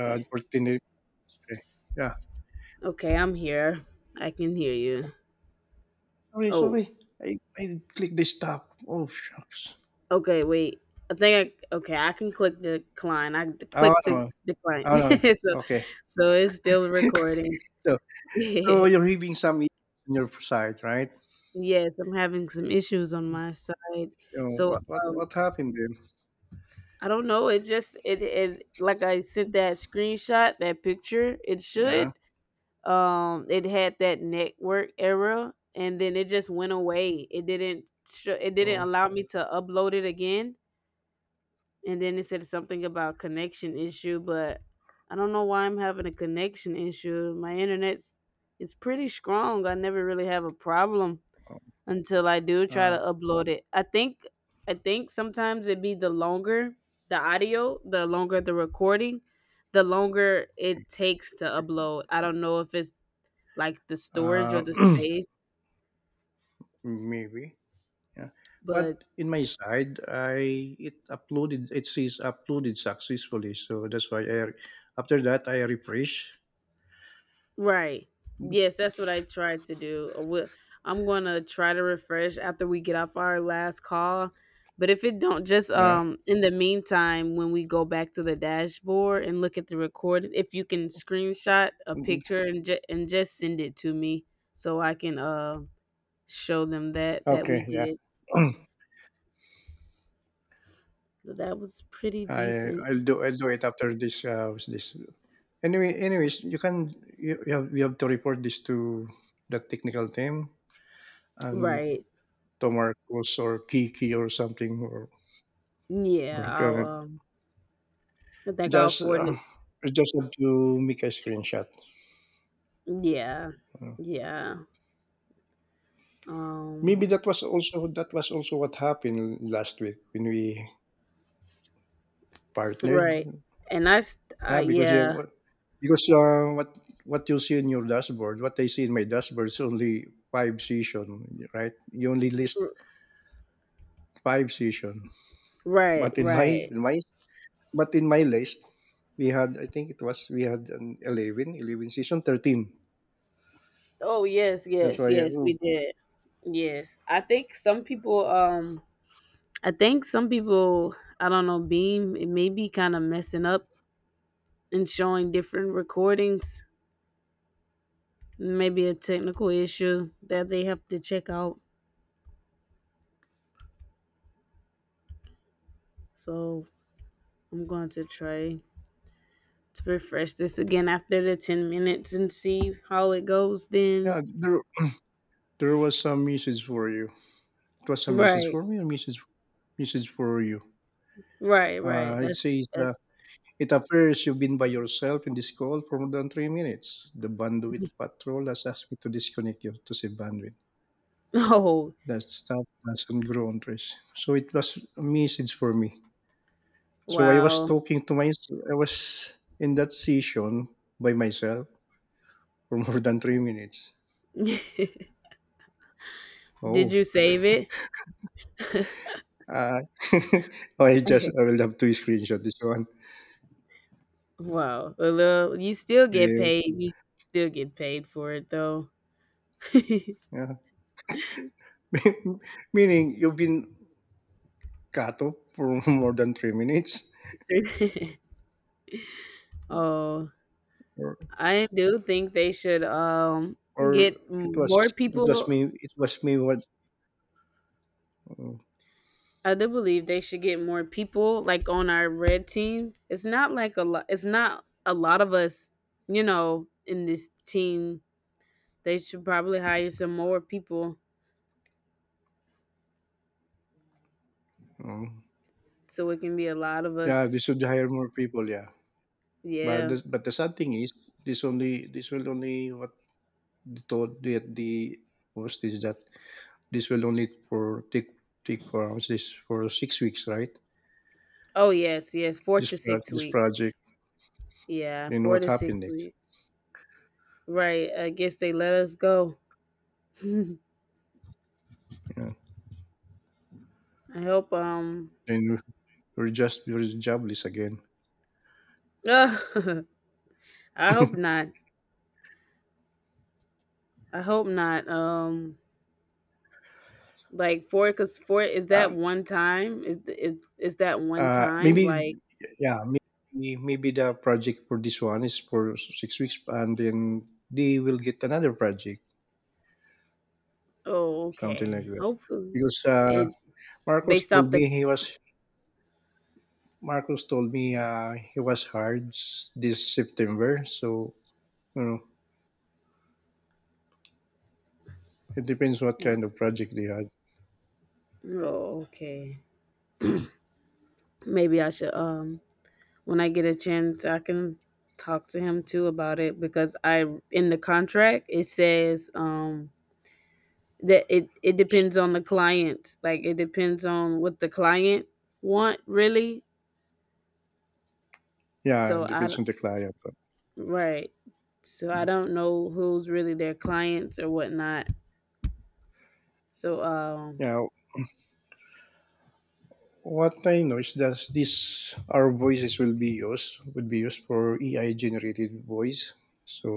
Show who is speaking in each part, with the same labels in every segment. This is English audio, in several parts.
Speaker 1: Continue. Okay. Yeah.
Speaker 2: Okay, I'm here. I can hear you.
Speaker 1: Sorry,
Speaker 2: Oh,
Speaker 1: sorry. I clicked the stop. Oh, shucks.
Speaker 2: okay, wait. I think I okay, I can click the decline.
Speaker 1: Oh,
Speaker 2: Click the
Speaker 1: no.
Speaker 2: decline.
Speaker 1: Oh, no.
Speaker 2: so
Speaker 1: Okay.
Speaker 2: so it's still recording.
Speaker 1: So, so
Speaker 2: Yes,
Speaker 1: you're having some issues on your side, right?
Speaker 2: I'm having some issues on my side.
Speaker 1: You know,
Speaker 2: So um
Speaker 1: what happened then?
Speaker 2: I don't know, it just it it like I sent that screenshot, that picture, it
Speaker 1: Yeah.
Speaker 2: should it had that network error and then it just went away. It didn't
Speaker 1: Oh,
Speaker 2: allow me to upload it again. And then it said something about connection issue, but I don't know why I'm having a connection issue. My internet's It's pretty strong. I never really have a problem
Speaker 1: oh,
Speaker 2: until I do try to
Speaker 1: uh,
Speaker 2: upload it. I think sometimes it be the longer the audio, the longer the recording, the longer it takes to upload. I don't know if it's like the storage or
Speaker 1: uh,
Speaker 2: the space,
Speaker 1: maybe. Yeah.
Speaker 2: but
Speaker 1: What in my side, I it uploaded. It says uploaded successfully. So that's why I, after that, I refresh.
Speaker 2: right. Yes, that's what I tried to do. I'm gonna try to refresh after we get off our last call. But if it don't, just
Speaker 1: Yeah.
Speaker 2: in the meantime, when we go back to the dashboard and look at the record, if you can screenshot a
Speaker 1: Mhm.
Speaker 2: picture and just send it to me so I can show them that we
Speaker 1: Okay. Yeah.
Speaker 2: did. So that was pretty decent.
Speaker 1: I'll do it after this what's this. Anyways, you can you, you have to report this to the technical team and
Speaker 2: Right.
Speaker 1: to Marcos or Kiki or something, or
Speaker 2: Yeah,
Speaker 1: or can
Speaker 2: I think I'll
Speaker 1: just,
Speaker 2: afford it.
Speaker 1: you just have to make a screenshot.
Speaker 2: Yeah.
Speaker 1: Uh,
Speaker 2: Yeah.
Speaker 1: Maybe
Speaker 2: Um
Speaker 1: that was also what happened last week when we partnered.
Speaker 2: Right. And
Speaker 1: Yeah, because, you
Speaker 2: yeah.
Speaker 1: know, because what you see in your dashboard, what I see in my dashboard is only five session, right? You only list
Speaker 2: R-
Speaker 1: five season.
Speaker 2: Right,
Speaker 1: But in my
Speaker 2: right.
Speaker 1: in my but in my list, we had I think it was we had an eleven, eleven 11 season, 13.
Speaker 2: Oh, yes,
Speaker 1: That's
Speaker 2: yes,
Speaker 1: why,
Speaker 2: yes, we did. Yes. I think some people, I think some people, I don't know, Beam, it may be kind of messing up and showing different recordings. Maybe a technical issue that they have to check out. So I'm going to try to refresh this again after the 10 minutes and see how it goes then.
Speaker 1: yeah, there was some message for you. It was some message
Speaker 2: Right,
Speaker 1: for me, a message for you.
Speaker 2: right, right.
Speaker 1: It
Speaker 2: That's,
Speaker 1: says,
Speaker 2: that's,
Speaker 1: it appears you've been by yourself in this call for more than 3 minutes. The bandwidth patrol has asked me to disconnect you to save bandwidth.
Speaker 2: oh,
Speaker 1: That stuff doesn't grow on trees. So it was a message for me. So I was
Speaker 2: wow.
Speaker 1: talking to my I was in that session by myself for more than 3 minutes.
Speaker 2: Did
Speaker 1: Oh.
Speaker 2: you save it?
Speaker 1: Uh, I will have to screenshot this one.
Speaker 2: Wow. A little. You still get
Speaker 1: Yeah.
Speaker 2: paid. You still get paid for it though.
Speaker 1: Yeah. Meaning you've been cut off for more than 3 minutes,
Speaker 2: Oh,
Speaker 1: or
Speaker 2: I do think they should
Speaker 1: or it was
Speaker 2: more people.
Speaker 1: it was me, what, oh,
Speaker 2: I do believe they should get more people like on our red team. It's not like a lot. It's not a lot of us, in this team. They should probably hire some more people
Speaker 1: oh.
Speaker 2: so it can be a lot of
Speaker 1: Yeah,
Speaker 2: us.
Speaker 1: they should hire more people. Yeah,
Speaker 2: Yeah.
Speaker 1: but the sad thing is, this will only, what they told the host is that this will only for take for, how much, this for 6 weeks, right?
Speaker 2: Oh yes, yes, four
Speaker 1: This
Speaker 2: to
Speaker 1: pro-
Speaker 2: six
Speaker 1: this
Speaker 2: weeks.
Speaker 1: project.
Speaker 2: Yeah,
Speaker 1: Then
Speaker 2: four
Speaker 1: what
Speaker 2: to
Speaker 1: happened
Speaker 2: six
Speaker 1: next?
Speaker 2: weeks. Right. I guess they let us go. I
Speaker 1: Yeah.
Speaker 2: hope
Speaker 1: Then we're jobless again.
Speaker 2: I hope not. I hope not. Like four cause four is that
Speaker 1: um,
Speaker 2: one time? Is that one time?
Speaker 1: Maybe,
Speaker 2: Like,
Speaker 1: yeah, maybe the project for this one is for 6 weeks, and then they will get another project,
Speaker 2: oh
Speaker 1: something like
Speaker 2: okay.
Speaker 1: that.
Speaker 2: Hopefully
Speaker 1: Because
Speaker 2: and
Speaker 1: Marcos
Speaker 2: based off
Speaker 1: told
Speaker 2: the,
Speaker 1: me he was Marcos told me, he was hired s- this September, so you know it depends what kind of project they had.
Speaker 2: oh, okay. Maybe I should when I get a chance, I can talk to him too about it because I in the contract it says that it depends on the client. Like it depends on what the client want really.
Speaker 1: Yeah,
Speaker 2: So I
Speaker 1: depends
Speaker 2: don't-
Speaker 1: on the client.
Speaker 2: right. So I don't know who's really their clients or whatnot. So
Speaker 1: Yeah, what I know is that these our voices will be used, would be used for AI generated voice. So,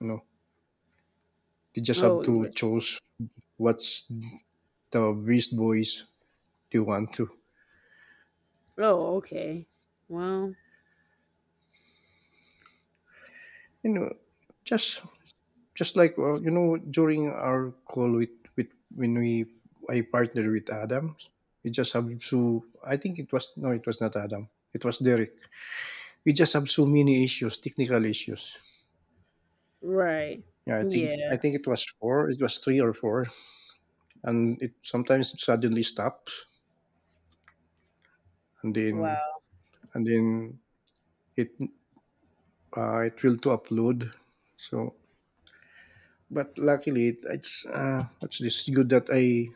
Speaker 1: you know, they just have
Speaker 2: oh
Speaker 1: to
Speaker 2: r-
Speaker 1: choose what's the best voice they want to.
Speaker 2: oh, okay. Well,
Speaker 1: You know, just just like, well, you know, during our call with, when we, I partnered with Adam, we just have, so, I think it was no, it was not Adam. It was Derek. We just have so many issues, technical issues.
Speaker 2: right.
Speaker 1: Yeah,
Speaker 2: Yeah.
Speaker 1: I think it was 4, it was 3 or 4, and it sometimes suddenly stops, and then
Speaker 2: Wow.
Speaker 1: and then it it will to upload. So, but luckily, it's, what's this, good that I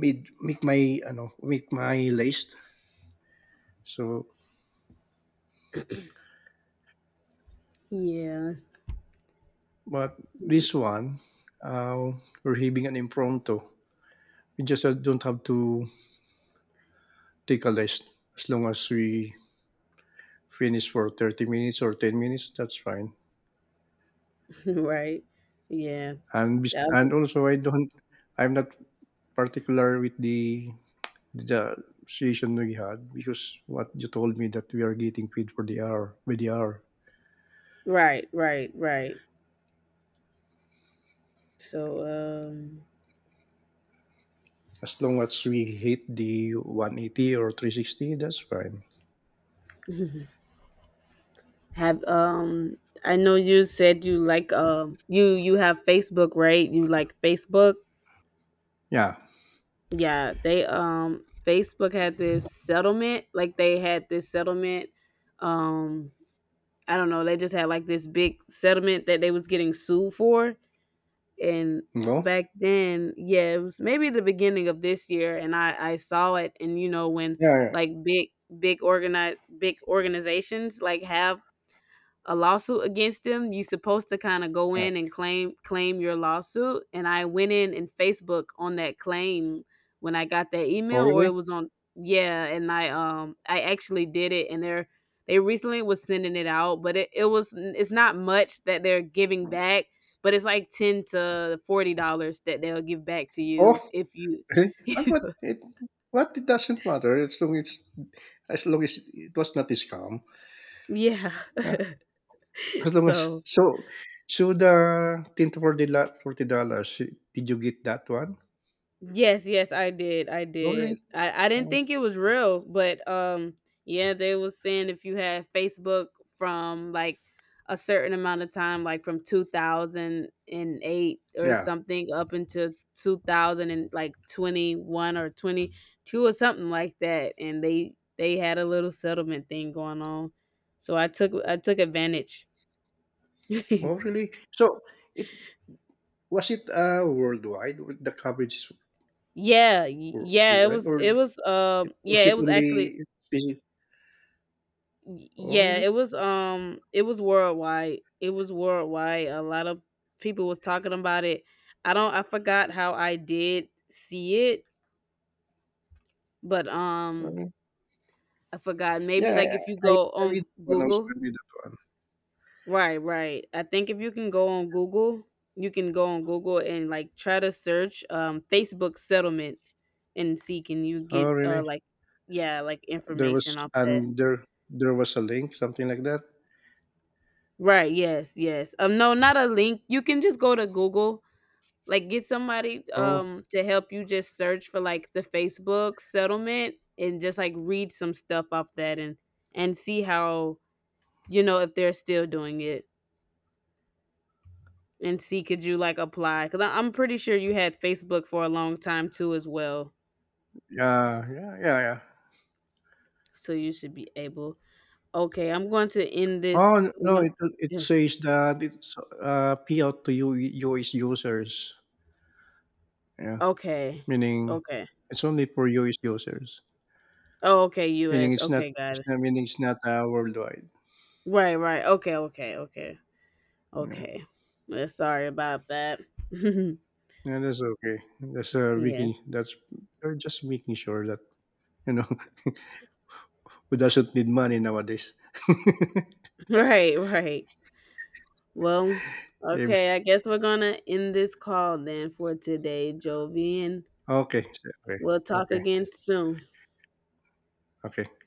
Speaker 1: made make my, I know make my list. So,
Speaker 2: Yeah.
Speaker 1: but this one, uh, we're having an impromptu. We just, don't have to take a list, as long as we finish for 30 minutes or 10 minutes. That's fine.
Speaker 2: right. Yeah.
Speaker 1: and bes-
Speaker 2: That will be.
Speaker 1: and also, I'm not particular with the situation we had, because what you told me, that we are getting paid for the hour, by the hour.
Speaker 2: Right, right, right. So, um
Speaker 1: As long as we hit the 180 or 360, that's fine.
Speaker 2: have I know you said you like you have Facebook, right? You like Facebook?
Speaker 1: Yeah.
Speaker 2: Yeah, they Facebook had this settlement, like they had this settlement um I don't know, they just had like this big settlement that they was getting sued for, and
Speaker 1: No.
Speaker 2: back then yeah it was maybe the beginning of this year. And I saw it, and you know when
Speaker 1: Yeah. Yeah,
Speaker 2: like big organizations like have a lawsuit against them, you're supposed to kind of go
Speaker 1: yeah.
Speaker 2: in and claim your lawsuit. And I went in and Facebook on that claim when I got that
Speaker 1: Oh,
Speaker 2: email or it
Speaker 1: really?
Speaker 2: was on, yeah. And I actually did it, and they recently was sending it out, but it's not much that they're giving back, but it's like 10 to $40 that they'll give back to you
Speaker 1: Oh,
Speaker 2: if you
Speaker 1: really? And what it doesn't matter, as long as it was not a scam.
Speaker 2: yeah
Speaker 1: Yeah. As long as,
Speaker 2: so
Speaker 1: so the tin for $40. Did you get that one?
Speaker 2: yes, yes, I did. I
Speaker 1: Oh,
Speaker 2: did.
Speaker 1: really?
Speaker 2: I didn't
Speaker 1: Oh,
Speaker 2: think it was real, but yeah, they was saying if you had Facebook from like a certain amount of time, like from 2008 or
Speaker 1: yeah.
Speaker 2: something up until 2000 and like 21 or 22 or something like that. And they had a little settlement thing going on. So I took, I took advantage. Yeah,
Speaker 1: Oh, really? So it was it, worldwide? The coverage is wor-
Speaker 2: it
Speaker 1: worldwide,
Speaker 2: was it was um yeah,
Speaker 1: was it
Speaker 2: it was actually
Speaker 1: only specific? Oh,
Speaker 2: It
Speaker 1: really?
Speaker 2: was worldwide. It was worldwide. A lot of people was talking about it. I don't I forgot how I did see it, but
Speaker 1: Oh, really?
Speaker 2: I forgot.
Speaker 1: Yeah,
Speaker 2: Maybe like if you go
Speaker 1: I
Speaker 2: on
Speaker 1: read one. I was
Speaker 2: Google.
Speaker 1: gonna read that one.
Speaker 2: Right, right. I think if you can go on Google, you can go on Google and like try to search Facebook settlement and see can you get
Speaker 1: Oh, really?
Speaker 2: like yeah, like
Speaker 1: There
Speaker 2: information
Speaker 1: was
Speaker 2: off that.
Speaker 1: and there there was a link, something like that.
Speaker 2: Right, yes, yes. No, not a link. You can just go to Google. Like get somebody
Speaker 1: Oh,
Speaker 2: to help you just search for like the Facebook settlement and just like read some stuff off that, and see how you know if they're still doing it, and see could you like apply cuz I'm pretty sure you had Facebook for a long time too as well.
Speaker 1: yeah, yeah, yeah, yeah.
Speaker 2: So you should be able. Okay, I'm going to end
Speaker 1: Oh, n-
Speaker 2: this,
Speaker 1: no, it
Speaker 2: yeah.
Speaker 1: says that it's, payout to US users. Yeah,
Speaker 2: Okay.
Speaker 1: meaning
Speaker 2: Okay.
Speaker 1: it's only for US users.
Speaker 2: Oh, okay,
Speaker 1: Meaning,
Speaker 2: US. Okay, got
Speaker 1: it's
Speaker 2: it.
Speaker 1: not meaning it's not, worldwide.
Speaker 2: Right, right. Okay, okay, okay.
Speaker 1: Yeah.
Speaker 2: Okay. Sorry about that.
Speaker 1: Yeah, that's okay. That's,
Speaker 2: Yeah.
Speaker 1: making that's, they're just making sure that, you know, who doesn't need money nowadays.
Speaker 2: Right, right. Well,
Speaker 1: Ev-
Speaker 2: okay, I guess we're gonna end this call then for today, Jovi, and
Speaker 1: okay, okay,
Speaker 2: we'll talk
Speaker 1: okay,
Speaker 2: again soon.
Speaker 1: okay.